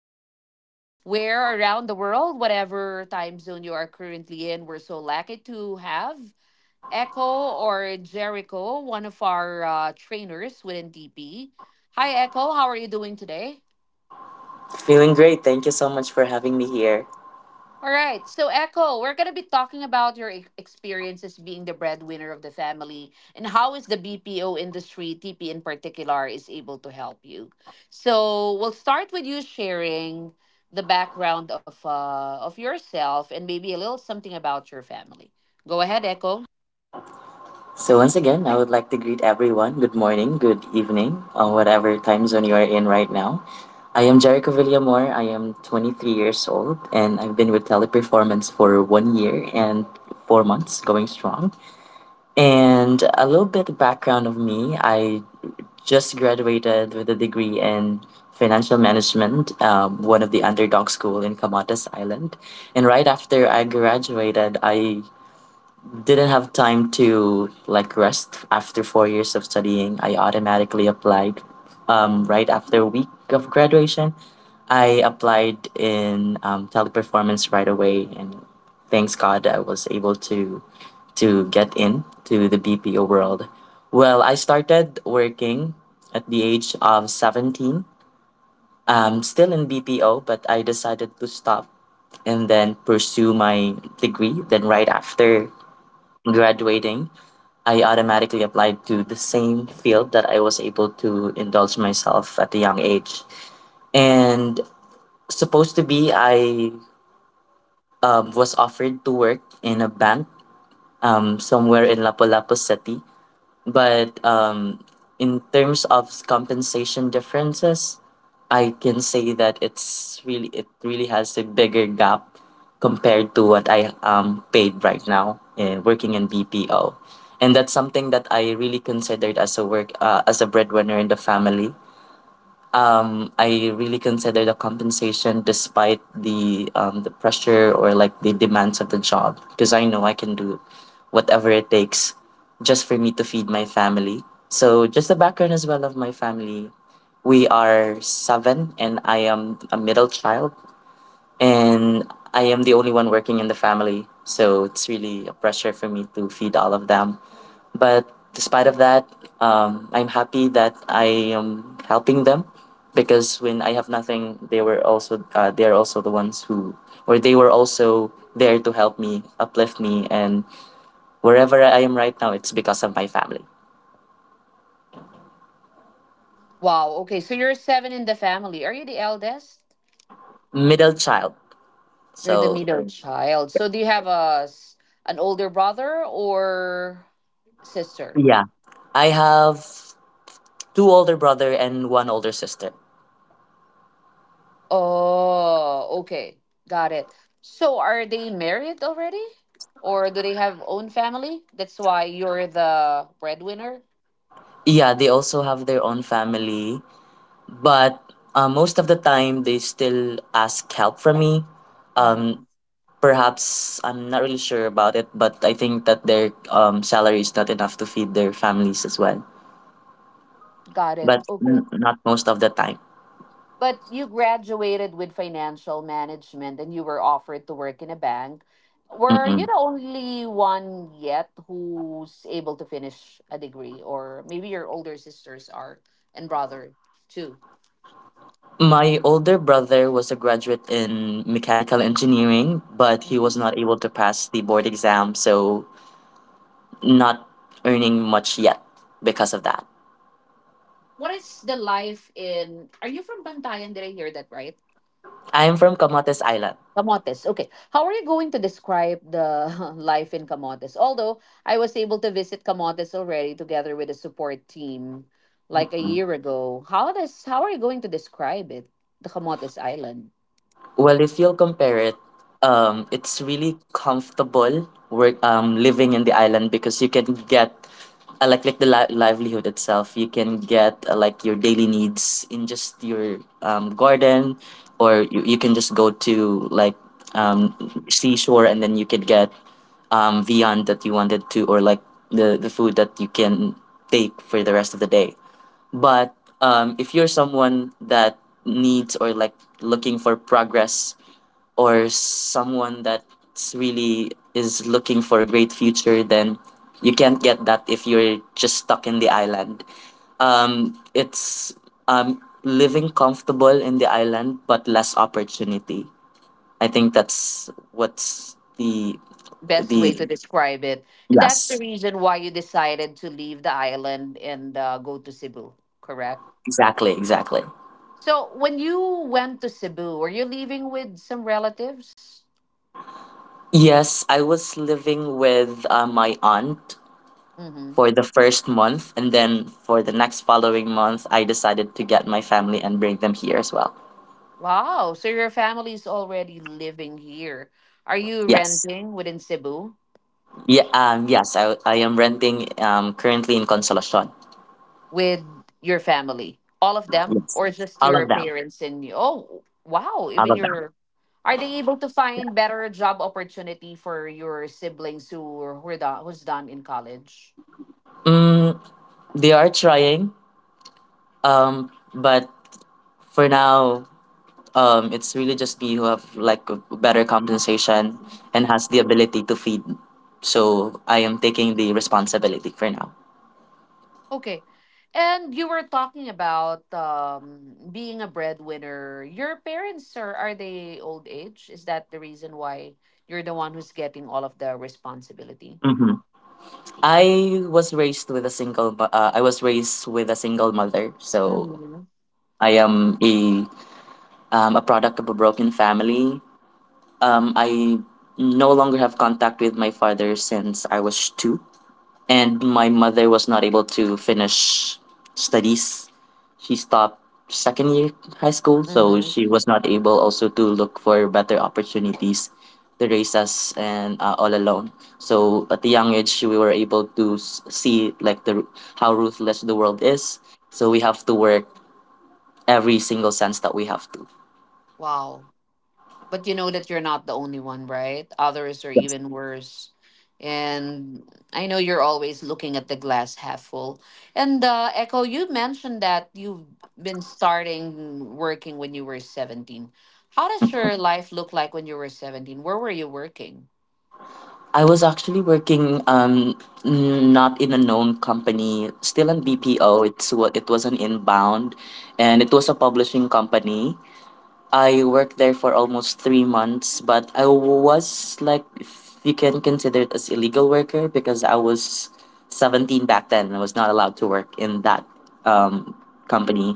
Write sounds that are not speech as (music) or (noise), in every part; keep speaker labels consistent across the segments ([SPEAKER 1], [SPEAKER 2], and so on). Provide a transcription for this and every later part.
[SPEAKER 1] (laughs) Everywhere around the world, whatever time zone you are currently in, we're so lucky to have Echo or Jericho, one of our trainers within DP. Hi, Echo. How are you doing today?
[SPEAKER 2] Feeling great. Thank you so much for having me here.
[SPEAKER 1] All right. So, Echo, we're going to be talking about your experiences being the breadwinner of the family and how is the BPO industry, TP in particular, is able to help you. So, we'll start with you sharing the background of of yourself and maybe a little something about your family. Go ahead, Echo.
[SPEAKER 2] So, once again, I would like to greet everyone. Good morning, good evening, or whatever time zone you are in right now. I am Jericho Villamore. I am 23 years old, and I've been with Teleperformance for 1 year and 4 months, going strong. And a little bit of background of me, I just graduated with a degree in financial management, one of the underdog school in Camotes Island. And right after I graduated, I didn't have time to like rest after 4 years of studying. I automatically applied right after a week of graduation. I applied in teleperformance right away, and thanks God I was able to get in to the BPO world. Well, I started working at the age of 17. Still in BPO, but I decided to stop and then pursue my degree. Then right after graduating, I automatically applied to the same field that I was able to indulge myself at a young age. And supposed to be, I was offered to work in a bank somewhere in Lapu-Lapu City. But in terms of compensation differences, I can say that it really has a bigger gap compared to what I am paid right now in working in BPO, and that's something that I really considered as a work as a breadwinner in the family. I really consider the compensation despite the pressure or like the demands of the job, because I know I can do whatever it takes just for me to feed my family. So just the background as well of my family, we are seven and I am a middle child, and I am the only one working in the family. So it's really a pressure for me to feed all of them. But despite of that, I'm happy that I am helping them because when I have nothing, they were also they are also the ones who or they were also there to help me, uplift me, and wherever I am right now, it's because of my family.
[SPEAKER 1] Wow. Okay. So, you're seven in the family. Are you the eldest?
[SPEAKER 2] Middle child,
[SPEAKER 1] You're the
[SPEAKER 2] so
[SPEAKER 1] middle child. So, do you have an older brother or sister?
[SPEAKER 2] yeah, I have two older brother and one older sister.
[SPEAKER 1] Oh, okay. Got it. So are they married already? Or do they have own family? That's why you're the breadwinner?
[SPEAKER 2] Yeah, they also have their own family, but most of the time they still ask help from me.
[SPEAKER 1] Hmm.
[SPEAKER 2] Um, Perhaps I'm not really sure about it, but I think that their salary is not enough to feed their families as well.
[SPEAKER 1] Got it.
[SPEAKER 2] But
[SPEAKER 1] Okay.
[SPEAKER 2] not most of the time.
[SPEAKER 1] But you graduated with financial management and you were offered to work in a bank. Were you
[SPEAKER 2] Mm-mm.
[SPEAKER 1] the only one yet who's able to finish a degree? Or maybe your older sisters are and brother too.
[SPEAKER 2] My older brother was a graduate in mechanical engineering, but he was
[SPEAKER 1] Mhm.
[SPEAKER 2] not able to pass the board exam, so not earning much yet because of that.
[SPEAKER 1] What is the life in? Are you from Bantayan? Did I hear that right?
[SPEAKER 2] I am from Kamates Island.
[SPEAKER 1] Camotes. Okay. How are you going to describe the (laughs) life in Camotes? Although I was able to visit Camotes already together with a support team like a
[SPEAKER 2] Mm.
[SPEAKER 1] year ago. How are you going to describe it? The Camotes Island.
[SPEAKER 2] Well, if you'll compare it, it's really comfortable work living in the island because you can get like the livelihood itself. You can get like your daily needs in just your garden, or you can just go to like um seashore and then you can get viand that you wanted to, or like the food that you can take for the rest of the day. But if you're someone that needs or like looking for progress, or someone that's really is looking for a great future, then you can't get that if you're just stuck in the island. It's Living comfortable in the island but less opportunity. I think that's what's the
[SPEAKER 1] Best
[SPEAKER 2] the
[SPEAKER 1] way to describe it. And that's the
[SPEAKER 2] yes,
[SPEAKER 1] reason why you decided to leave the island and go to Cebu, correct?
[SPEAKER 2] exactly, exactly.
[SPEAKER 1] So when you went to Cebu, were you living with some relatives?
[SPEAKER 2] Yes, I was living with my aunt
[SPEAKER 1] Mm-hmm.
[SPEAKER 2] for the first month. And then for the next following month, I decided to get my family and bring them here as well.
[SPEAKER 1] Wow, so your family is already living here. Are you
[SPEAKER 2] Yes.
[SPEAKER 1] renting within Cebu
[SPEAKER 2] Yeah. Yes. I am renting. Currently in Consolacion.
[SPEAKER 1] with your family? All of them
[SPEAKER 2] Yes.
[SPEAKER 1] or just
[SPEAKER 2] All
[SPEAKER 1] your
[SPEAKER 2] of them.
[SPEAKER 1] parents and you? Oh, wow,
[SPEAKER 2] All
[SPEAKER 1] even
[SPEAKER 2] of them.
[SPEAKER 1] your… Are they able to find better job opportunity for your siblings who are done, who's done in college?
[SPEAKER 2] Mm, they are trying. But for now, it's really just me who have like a better compensation and has the ability to feed. So I am taking the responsibility for now.
[SPEAKER 1] Okay. And you were talking about being a breadwinner. Your parents are they old age? Is that the reason why you're the one who's getting all of the responsibility?
[SPEAKER 2] I was raised with a I was raised with a single mother, so
[SPEAKER 1] Mhm.
[SPEAKER 2] I am a product of a broken family. I no longer have contact with my father since I was 2, and my mother was not able to finish studies. She stopped second year high school, so
[SPEAKER 1] Mhm.
[SPEAKER 2] she was not able also to look for better opportunities to raise us, and all alone. So at the young age, we were able to see like the— how ruthless the world is. So we have to work every single sense that we have to.
[SPEAKER 1] Wow. But you know that you're not the only one, right? Others are
[SPEAKER 2] Yes.
[SPEAKER 1] even worse. And I know you're always looking at the glass half full. And Echo, you mentioned that you've been starting working when you were 17. How does your life look like when you were 17? Where were you working?
[SPEAKER 2] I was actually working not in a known company, still in
[SPEAKER 1] Mm.
[SPEAKER 2] BPO. It's what it was an inbound, and it was a publishing company. I worked there for almost 3 months, but I was like, if you can consider it as illegal worker, because I was 17 back then and I was not allowed to work in that um company,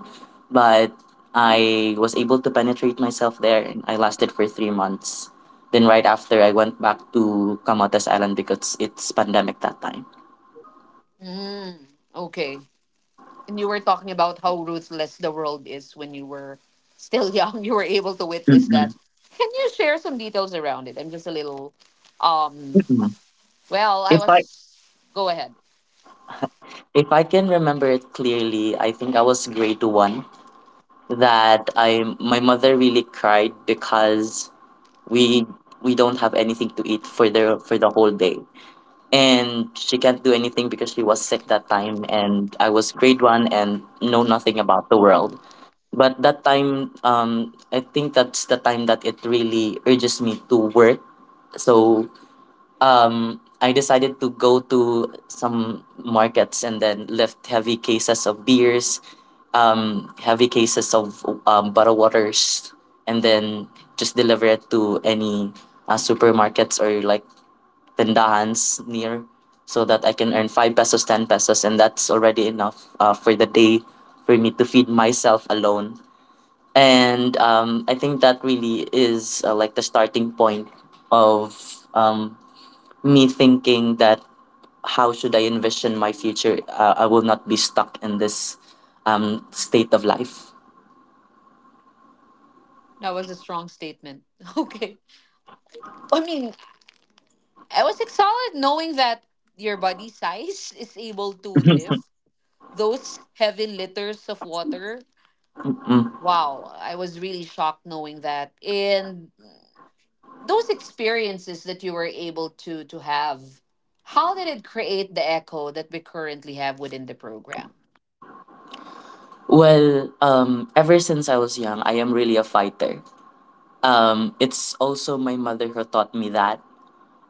[SPEAKER 2] but I was able to penetrate myself there and I lasted for 3 months. Then right after I went back to Camotes Island because it's pandemic that time.
[SPEAKER 1] Mm, okay. And you were talking about how ruthless the world is when you were still young. (laughs) You were able to witness
[SPEAKER 2] Mm-mm.
[SPEAKER 1] that. Can you share some details around it? I'm just a little um
[SPEAKER 2] Mm-mm.
[SPEAKER 1] well, I
[SPEAKER 2] If
[SPEAKER 1] was
[SPEAKER 2] I
[SPEAKER 1] go ahead.
[SPEAKER 2] if I can remember it clearly, I think I was grade 1, that I— my mother really cried because we we don't have anything to eat for the whole day. And she can't do anything because she was sick that time and I was grade 1 and know nothing about the world. But that time, I think that's the time that it really urges me to work. So I decided to go to some markets and then lift heavy cases of beers, heavy cases of bottled waters, and then just deliver it to any supermarkets or like tendahans near, so that I can earn 5 pesos, 10 pesos, and that's already enough for the day, for me to feed myself alone. And I think that really is like the starting point of um, me thinking that how should I envision my future. I will not be stuck in this state of life.
[SPEAKER 1] That was a strong statement. (laughs) Okay. I mean, I was excited knowing that your body size (laughs) is able to
[SPEAKER 2] (laughs)
[SPEAKER 1] lift those heavy liters of water.
[SPEAKER 2] Mm.
[SPEAKER 1] Wow, I was really shocked knowing that. And those experiences that you were able to have, how did it create the Echo that we currently have within the program?
[SPEAKER 2] Well, ever since I was young, I am really a fighter. It's also my mother who taught me that.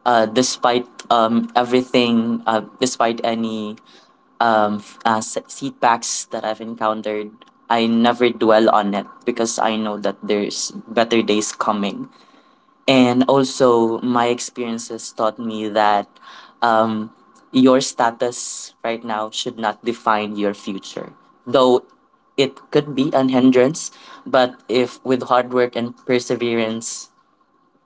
[SPEAKER 2] Despite everything, despite any setbacks that I've encountered, I never dwell on it because I know that there's better days coming. And also my experiences taught me that um, your status right now should not define your future, though it could be an hindrance, but if with hard work and perseverance,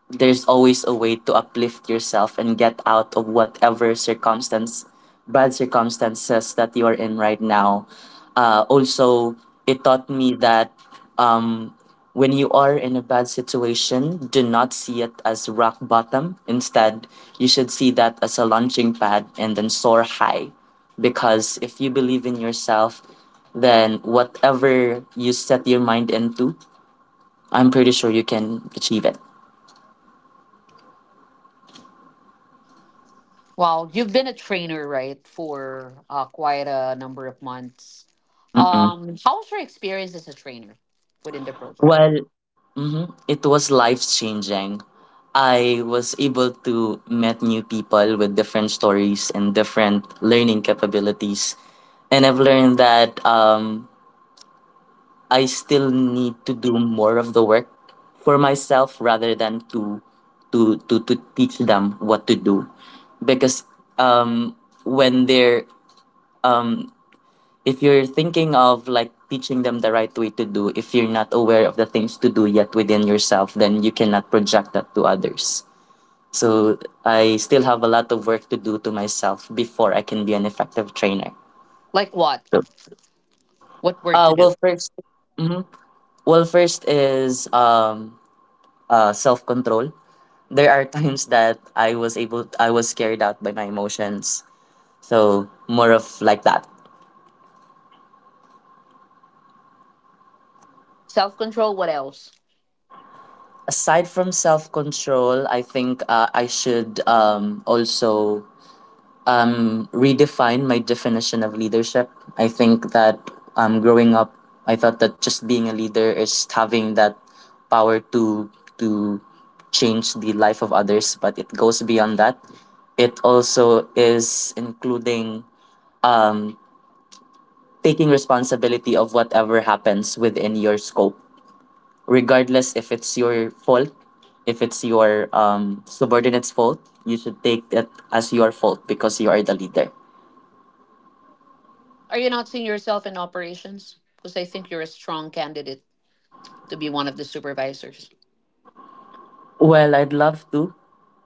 [SPEAKER 2] there's always a way to uplift yourself and get out of whatever circumstance, bad circumstances that you are in right now. Also, it taught me that um, when you are in a bad situation, do not see it as rock bottom. Instead, you should see that as a launching pad and then soar high. Because if you believe in yourself, then whatever you set your mind into, I'm pretty sure you can achieve it.
[SPEAKER 1] Well, you've been a trainer, right, for quite a number of months.
[SPEAKER 2] Mm-mm.
[SPEAKER 1] How was your experience as a trainer within the program?
[SPEAKER 2] Well, mhm, it was life changing. I was able to meet new people with different stories and different learning capabilities. And I've learned that I still need to do more of the work for myself rather than to teach them what to do. Because um, when they're um, if you're thinking of like teaching them the right way to do, if you're not aware of the things to do yet within yourself, then you cannot project that to others. So I still have a lot of work to do to myself before I can be an effective trainer.
[SPEAKER 1] Like what?
[SPEAKER 2] So-
[SPEAKER 1] What work to do?
[SPEAKER 2] 1st— mm-hmm. Well, first is self control. There are (laughs) times that I was carried out by my emotions. So more of like that.
[SPEAKER 1] Self-control, what else?
[SPEAKER 2] Aside from self control, I think I should also redefine my definition of leadership. I think that growing up, I thought that just being a leader is having that power to change the life of others, but it goes beyond that. It also is including um, taking responsibility of whatever happens within your scope, regardless if it's your fault, if it's your subordinate's fault, you should take it as your fault because you are the leader.
[SPEAKER 1] Are you not seeing yourself in operations? Because I think you're a strong candidate to be one of the supervisors.
[SPEAKER 2] Well, I'd love to.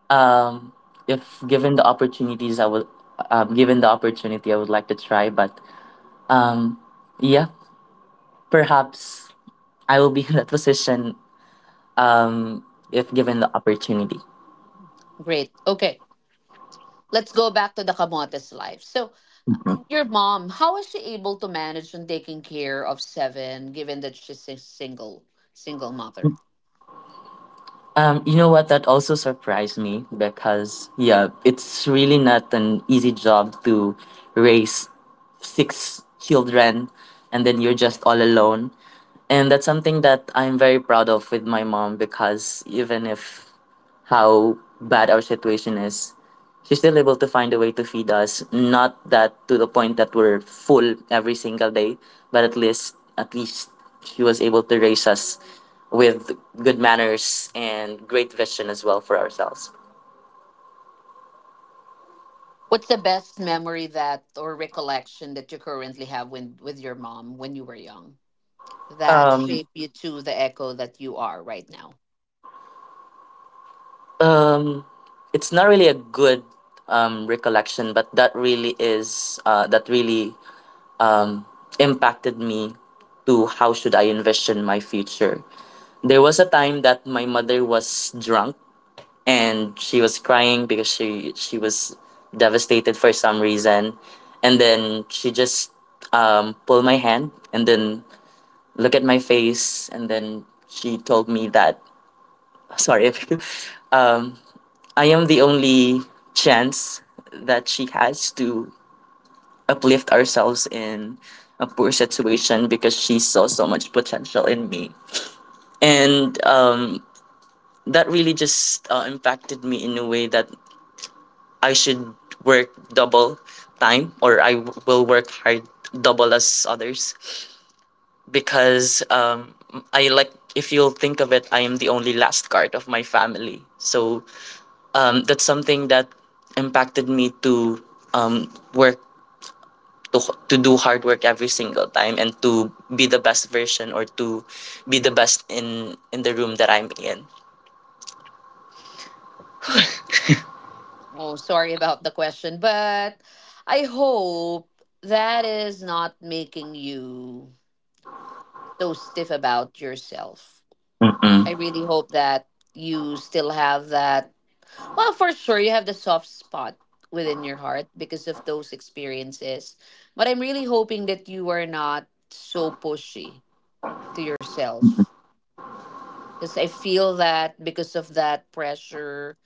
[SPEAKER 2] Um, if given the opportunities, I will. Given the opportunity, I would like to try. But um, yeah, perhaps I will be (laughs) in that position. Um, if given the opportunity.
[SPEAKER 1] Great. Okay. Let's go back to the Camotes life. So your mom, how is she able to manage on taking care of seven, given that she's a single mother?
[SPEAKER 2] You know what? That also surprised me because yeah, it's really not an easy job to raise six children and then you're just all alone. And that's something that I'm very proud of with my mom because even if how bad our situation is, she's still able to find a way to feed us. Not that to the point that we're full every single day, but at least at least, she was able to raise us with good manners and great vision as well for ourselves.
[SPEAKER 1] What's the best memory that or recollection that you currently have when with your mom when you were young that
[SPEAKER 2] Um,
[SPEAKER 1] shape you to the Echo that you are right now?
[SPEAKER 2] Um, it's not really a good recollection, but that really is that really um, impacted me to how should I envision my future. There was a time that my mother was drunk and she was crying because she was devastated for some reason, and then she just pulled my hand and then look at my face and then she told me that (laughs) sorry if you um, I am the only chance that she has to uplift ourselves in a poor situation because she saw so much potential in me. And That really just impacted me in a way that I should work double time or will work hard double as others because I if you'll think of it, I am the only last card of my family. So that's something that impacted me to work to to do hard work every single time and to be the best version or to be the best in the room that I'm in.
[SPEAKER 1] Oh, sorry about the question, but I hope that is not making you so stiff about yourself.
[SPEAKER 2] Mm-mm.
[SPEAKER 1] I really hope that you still have that… Well, for sure, you have the soft spot within your heart because of those experiences. But I'm really hoping that you are not so pushy to yourself. Because I feel that because of that pressure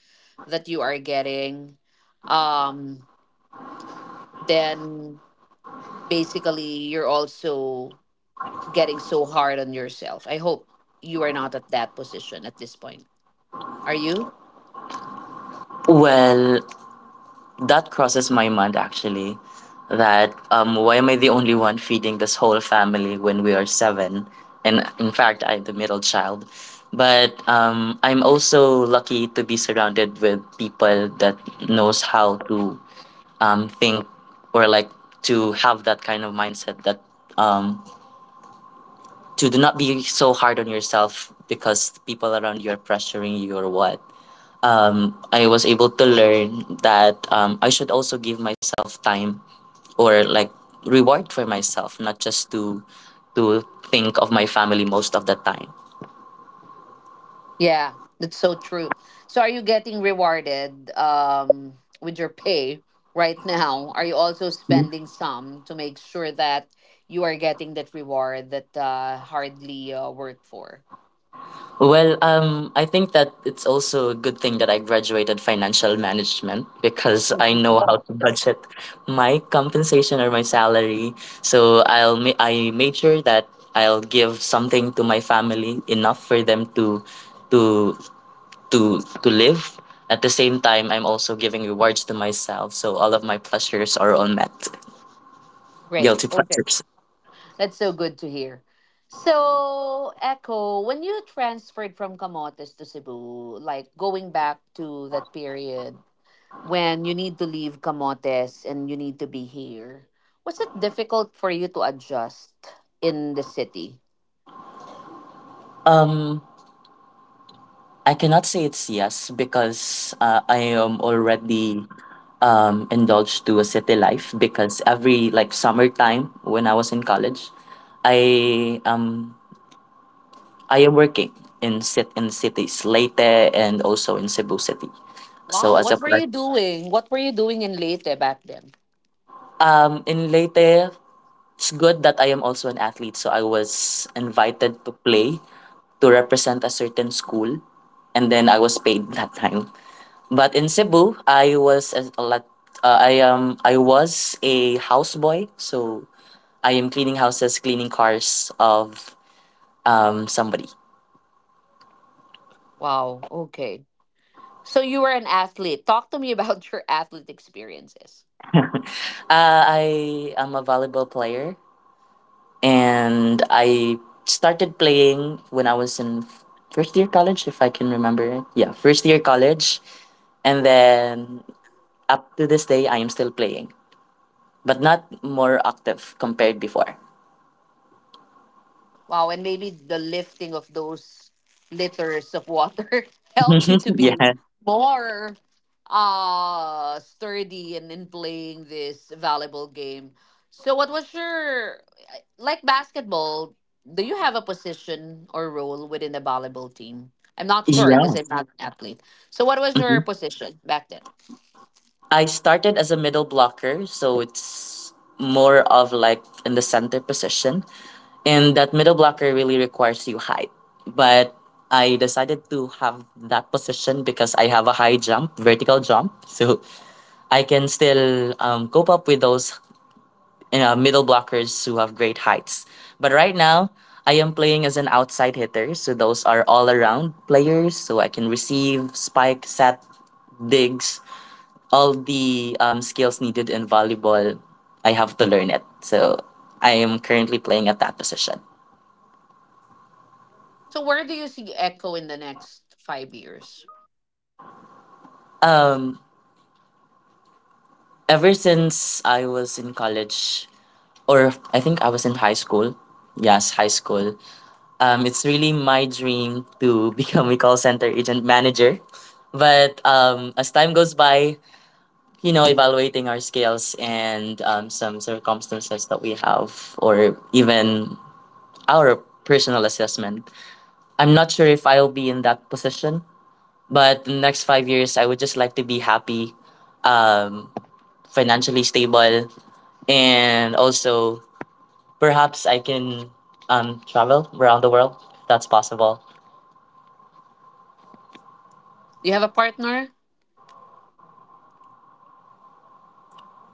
[SPEAKER 1] that you are getting, um, then basically you're also getting so hard on yourself. I hope you are not at that position at this point. Are you?
[SPEAKER 2] Well, that crosses my mind actually. That Why am I the only one feeding this whole family when we are seven? And in fact, I'm the middle child. But I'm also lucky to be surrounded with people that knows how to think or like to have that kind of mindset that um, to do not be so hard on yourself because people around you are pressuring you or what. I was able to learn that I should also give myself time or like reward for myself, not just to think of my family most of the time.
[SPEAKER 1] Yeah, that's so true. So are you getting rewarded with your pay right now? Are you also spending some to make sure that you are getting that reward that hardly worked for?
[SPEAKER 2] Well, I think that it's also a good thing that I graduated financial management because I know how
[SPEAKER 1] (laughs)
[SPEAKER 2] to budget my compensation or my salary. So I made sure that I'll give something to my family enough for them to to to live. At the same time, I'm also giving rewards to myself, so all of my pleasures are all met.
[SPEAKER 1] Great.
[SPEAKER 2] Guilty
[SPEAKER 1] Okay.
[SPEAKER 2] pleasures.
[SPEAKER 1] That's so good to hear. So, Echo, when you transferred from Camotes to Cebu, like going back to that period, when you need to leave Camotes and you need to be here, was it difficult for you to adjust in the city?
[SPEAKER 2] Um, I cannot say it's yes because I am already indulged to a city life because every like summertime when I was in college, I um I am working in sit in cities Leyte and also in Cebu City. So
[SPEAKER 1] Wow,
[SPEAKER 2] as
[SPEAKER 1] what
[SPEAKER 2] a
[SPEAKER 1] were
[SPEAKER 2] part
[SPEAKER 1] you doing? What were you doing in Leyte back then?
[SPEAKER 2] in Leyte, it's good that I am also an athlete. So I was invited to play to represent a certain school, and then I was paid that time. But in Cebu, I was as a lot. I was a houseboy, so I am cleaning houses, cleaning cars of somebody.
[SPEAKER 1] Wow, okay. So you were an athlete. Talk to me about (laughs) your athlete experiences.
[SPEAKER 2] I am a volleyball player, and I started playing when I was in first year college, if I can remember it. Yeah, first year college, and then up to this day, I am still playing, but not more active compared before.
[SPEAKER 1] Wow, and maybe the lifting of those liters of water (laughs) help you to
[SPEAKER 2] (laughs)
[SPEAKER 1] be
[SPEAKER 2] yeah.
[SPEAKER 1] more sturdy and in playing this valuable game. So what was your, like basketball, do you have a position or role within the volleyball team? I'm not sure
[SPEAKER 2] Yeah.
[SPEAKER 1] because I'm not an athlete. So what was your position back then?
[SPEAKER 2] I started as a middle blocker, so it's more of like in the center position. And that middle blocker really requires you height. But I decided to have that position because I have a high jump, vertical jump. So I can still cope up with those middle blockers who have great heights. But right now, I am playing as an outside hitter. So those are all around players. So I can receive, spike, set, digs, all the skills needed in volleyball, I have to learn it. So I am currently playing at that position.
[SPEAKER 1] So where do you see Echo in the next 5 years?
[SPEAKER 2] Um, ever since I was in college, or I think I was in high school. Yes, high school. It's really my dream to (laughs) become a call center agent manager. But as time goes by, you know, evaluating our skills and some circumstances that we have, or even our personal assessment, I'm not sure if I'll be in that position, but the next 5 years, I would just like to be happy, um, financially stable, and also perhaps I can travel around the world. That's possible.
[SPEAKER 1] Do you have a partner?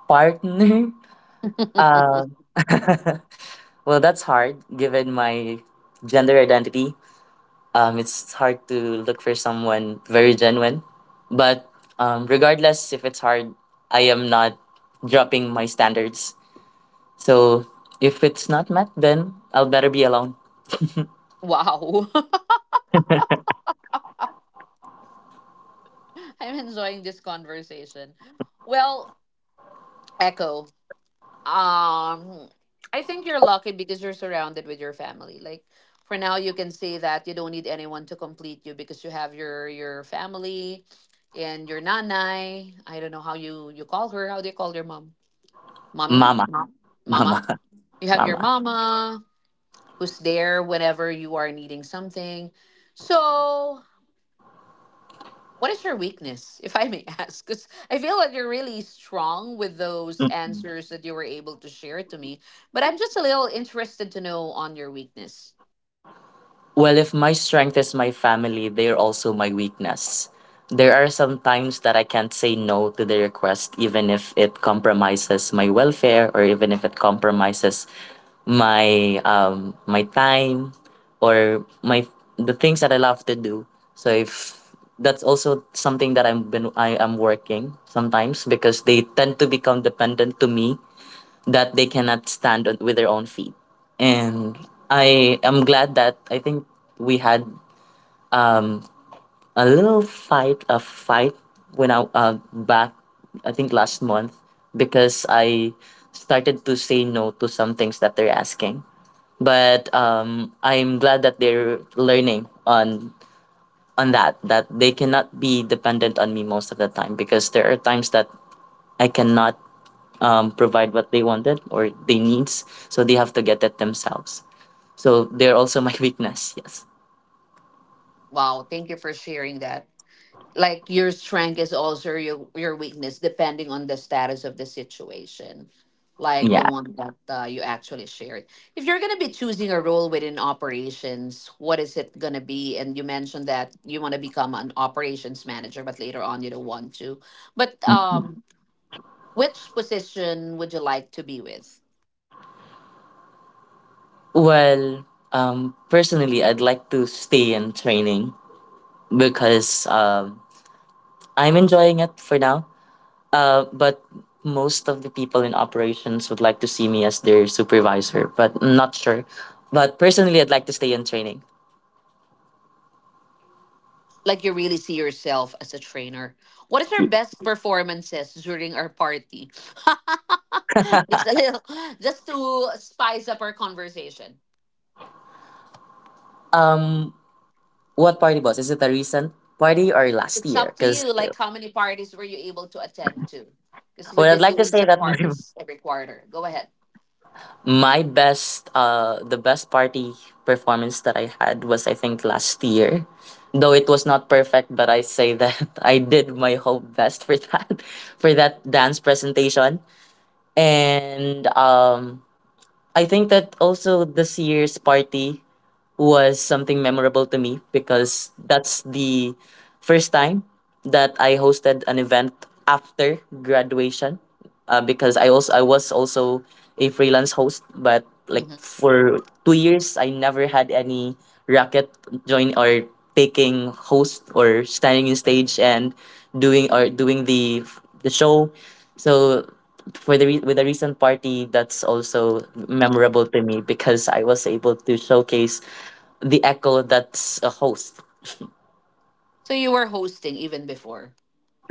[SPEAKER 2] Partner? (laughs)
[SPEAKER 1] (laughs)
[SPEAKER 2] Um, (laughs) well, that's hard given my gender identity. It's hard to look for someone very genuine. But regardless if it's hard, I am not dropping my standards. So if it's not met, then I'll better be alone.
[SPEAKER 1] Wow. (laughs) (laughs) I'm enjoying this conversation. Well, Echo, um, I think you're lucky because you're surrounded with your family. Like for now, you can say that you don't need anyone to complete you because you have your family and your nanai. I don't know how you call her. How do you call your mom? Mommy,
[SPEAKER 2] Mama,
[SPEAKER 1] mom,
[SPEAKER 2] (laughs) mama,
[SPEAKER 1] mama. You have your
[SPEAKER 2] mama.
[SPEAKER 1] mama who's there whenever you are needing something. So what is your weakness, if I may (laughs) ask? Because I feel that you're really strong with those answers that you were able to share to me. But I'm just a little interested to know on your weakness.
[SPEAKER 2] Well, if my strength is my family, they're also my weakness. There are some times that I can't say no to the request, even if it compromises my welfare or even if it compromises my time or my the things that I love to do. So if that's also something that I am working sometimes because they tend to become dependent to me that they cannot stand on, with their own feet. And I am glad that I think we had um, a little fight, a fight when I think last month, because I started to say no to some things that they're asking. But I'm glad that they're learning on that that they cannot be dependent on me most of the time because there are times that I cannot provide what they wanted or they needs. So they have to get it themselves. So they're also my (laughs) weakness. Yes.
[SPEAKER 1] Wow, thank you for sharing that. Like your strength is also your weakness depending on the status of the situation, like the
[SPEAKER 2] Yeah.
[SPEAKER 1] one that you actually shared. If you're going to be choosing a role within operations, what is it going to be? And you mentioned that you want to become an operations manager but later on you don't want to, but which position would you like to be with?
[SPEAKER 2] Well, personally, I'd like to stay in training because I'm enjoying it for now. But most of the people in operations would like to see me as their supervisor, but I'm not sure. But personally, I'd like to stay in training.
[SPEAKER 1] Like you really see yourself as a trainer. What is your best performances during our party? (laughs) It's a little just to spice up our conversation.
[SPEAKER 2] Um, what party boss? Is it a recent party or last
[SPEAKER 1] It's
[SPEAKER 2] year?
[SPEAKER 1] up to
[SPEAKER 2] Because
[SPEAKER 1] you. Like how many parties were you able to attend to? Because we've
[SPEAKER 2] well, I'd
[SPEAKER 1] been
[SPEAKER 2] like to
[SPEAKER 1] doing
[SPEAKER 2] say
[SPEAKER 1] some
[SPEAKER 2] that (laughs)
[SPEAKER 1] parties every quarter. Go ahead.
[SPEAKER 2] my best, the best party performance that I had was I think last year. Though it was not perfect, but I say that (laughs) I did my whole best for that, (laughs) for that dance presentation. And I think that also this year's party was something memorable to me because that's the first time that I hosted an event after graduation. Because I was also a freelance host, but like
[SPEAKER 1] Mhm.
[SPEAKER 2] for 2 years I never had any racket join or taking host or standing in stage and doing or doing the show. So for the with the recent party, that's also memorable to me because I was able to showcase the Echo that's a host.
[SPEAKER 1] So you were hosting even before.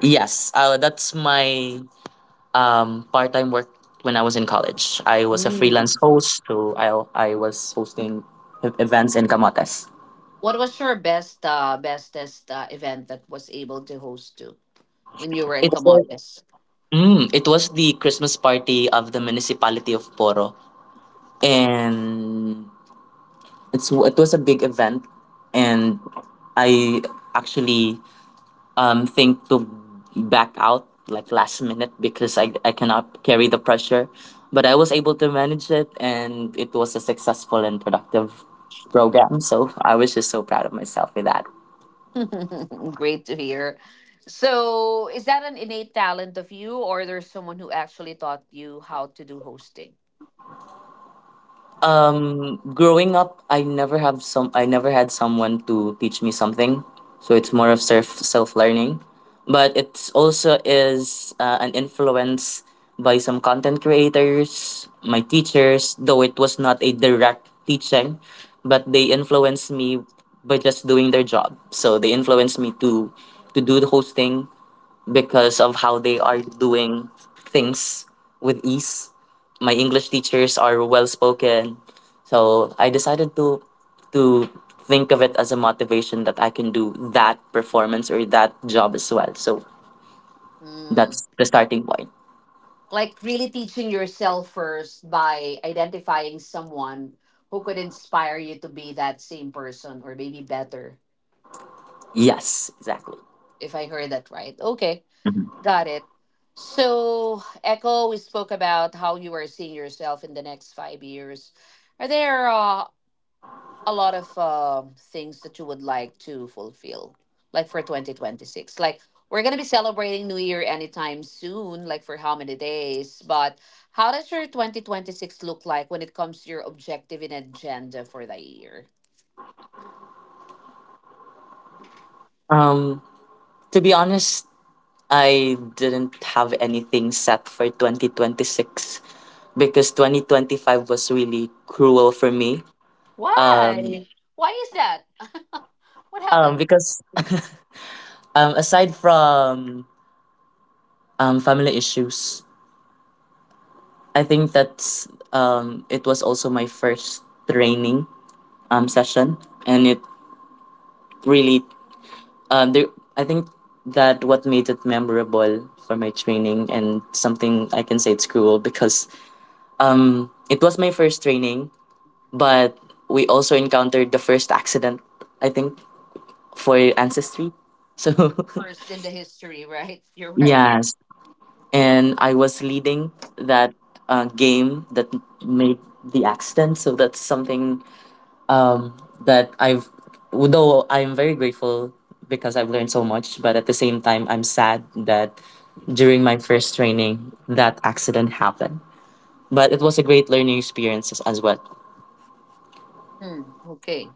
[SPEAKER 2] Yes, that's my part-time work when I was in college. I was a freelance
[SPEAKER 1] Mm.
[SPEAKER 2] host, so I was hosting events in Camotes.
[SPEAKER 1] What was your best, bestest event that was able to host to when you were in
[SPEAKER 2] It was,
[SPEAKER 1] Camotes?
[SPEAKER 2] it was the Christmas party of the municipality of Poro, and it was a big event, and I actually think to back out like last minute because I cannot carry the pressure. But I was able to manage it and it was a successful and productive program. So I was just so proud of myself with that.
[SPEAKER 1] (laughs) Great to hear. So, is that an innate talent of you, or there's someone who actually taught you how to do hosting?
[SPEAKER 2] Growing up, I never have some. I never had someone to teach me something, so it's more of self learning. But it's also is an influence by some content creators, my teachers. Though it was not a direct teaching, but they influenced me by just doing their job. So they influenced me to do the hosting because of how they are doing things with ease. My English teachers are well spoken. So I decided to to think of it as a motivation that I can do that performance or that job as well. So
[SPEAKER 1] Mm.
[SPEAKER 2] that's the starting point.
[SPEAKER 1] Like really teaching yourself first by identifying someone who could inspire you to be that same person or maybe better,
[SPEAKER 2] Yes, exactly.
[SPEAKER 1] if I heard that right. Okay, got it. So, Echo, we spoke about how you are seeing yourself in the next 5 years. Are there a lot of things that you would like to fulfill, like for 2026. Like, we're going to be celebrating New Year anytime soon, like for how many days. But how does your 2026 look like when it comes to your objective and agenda for the year?
[SPEAKER 2] Um to be honest, I didn't have anything set for 2026 because 2025 was really cruel for me. Um
[SPEAKER 1] Why? Why is that? (laughs) What happened?
[SPEAKER 2] because (laughs) aside from family issues, I think that's it was also my first training session and it really there, I think that what made it memorable for my training and something I can say it's cruel because it was my first training, but we also encountered the first accident I think for ancestry. So (laughs)
[SPEAKER 1] First in the history, right? (laughs) You're right.
[SPEAKER 2] yes, and I was leading that game that made the accident, so that's something um, that I've, though I'm very grateful because I've learned so much, but at the same time, I'm sad that during my first training, that accident happened. But it was a great learning experience as well.
[SPEAKER 1] Hmm, okay.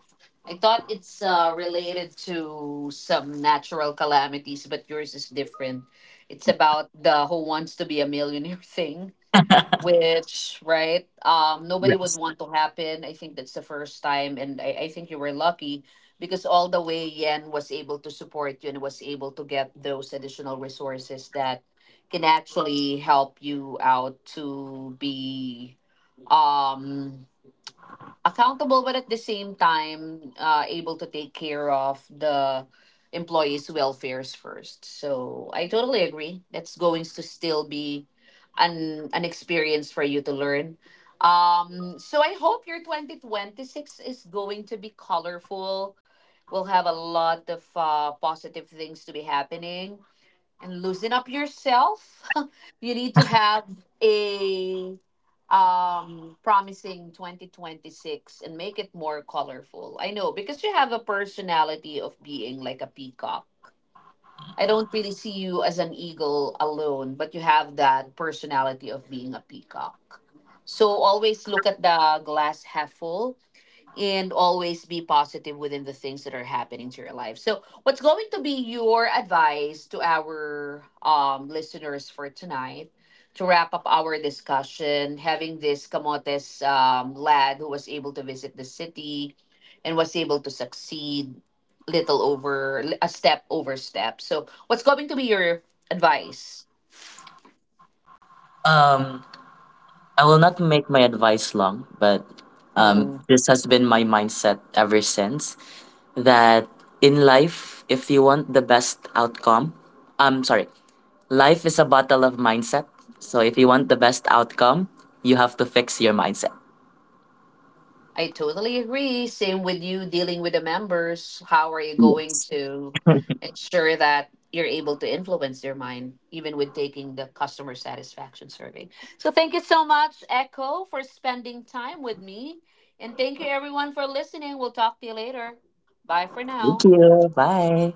[SPEAKER 1] I thought it's related to some natural calamities, but yours is different. It's about the Who Wants to Be a Millionaire (laughs) thing, which, right, nobody would
[SPEAKER 2] Yes.
[SPEAKER 1] want to happen. I think that's the first time, and I think you were lucky because all the way Yen was able to support you and was able to get those additional resources that can actually help you out to be um accountable but at the same time able to take care of the employees welfares first. So I totally agree that's going to still be an experience for you to learn. So I hope your 2026 is going to be colorful. We'll have a lot of positive things to be happening and loosen up yourself. (laughs) You need to have a promising 2026 and make it more colorful. I know because you have a personality of being like a peacock. I don't really see you as an eagle alone, but you have that personality of being a peacock. So always look at the glass half full and always be positive within the things that are happening to your life. So, what's going to be your advice to our listeners for tonight to wrap up our discussion? Having this Camotes lad who was able to visit the city and was able to succeed little over a step over step. So, what's going to be your advice?
[SPEAKER 2] Um, I will not make my advice long, but
[SPEAKER 1] Mm.
[SPEAKER 2] this has been my mindset ever since. That in life, if you want the best outcome, I'm sorry, life is a battle of mindset. So if you want the best outcome, you have to fix your mindset.
[SPEAKER 1] I totally agree. Same with you dealing with the members. How are you going
[SPEAKER 2] Yes.
[SPEAKER 1] to ensure that you're able to influence their mind, even with taking the customer satisfaction survey? So, thank you so much, Echo, for spending time with me. And thank you, everyone, for listening. We'll talk to you later. Bye for
[SPEAKER 2] Thank
[SPEAKER 1] now.
[SPEAKER 2] you. Bye.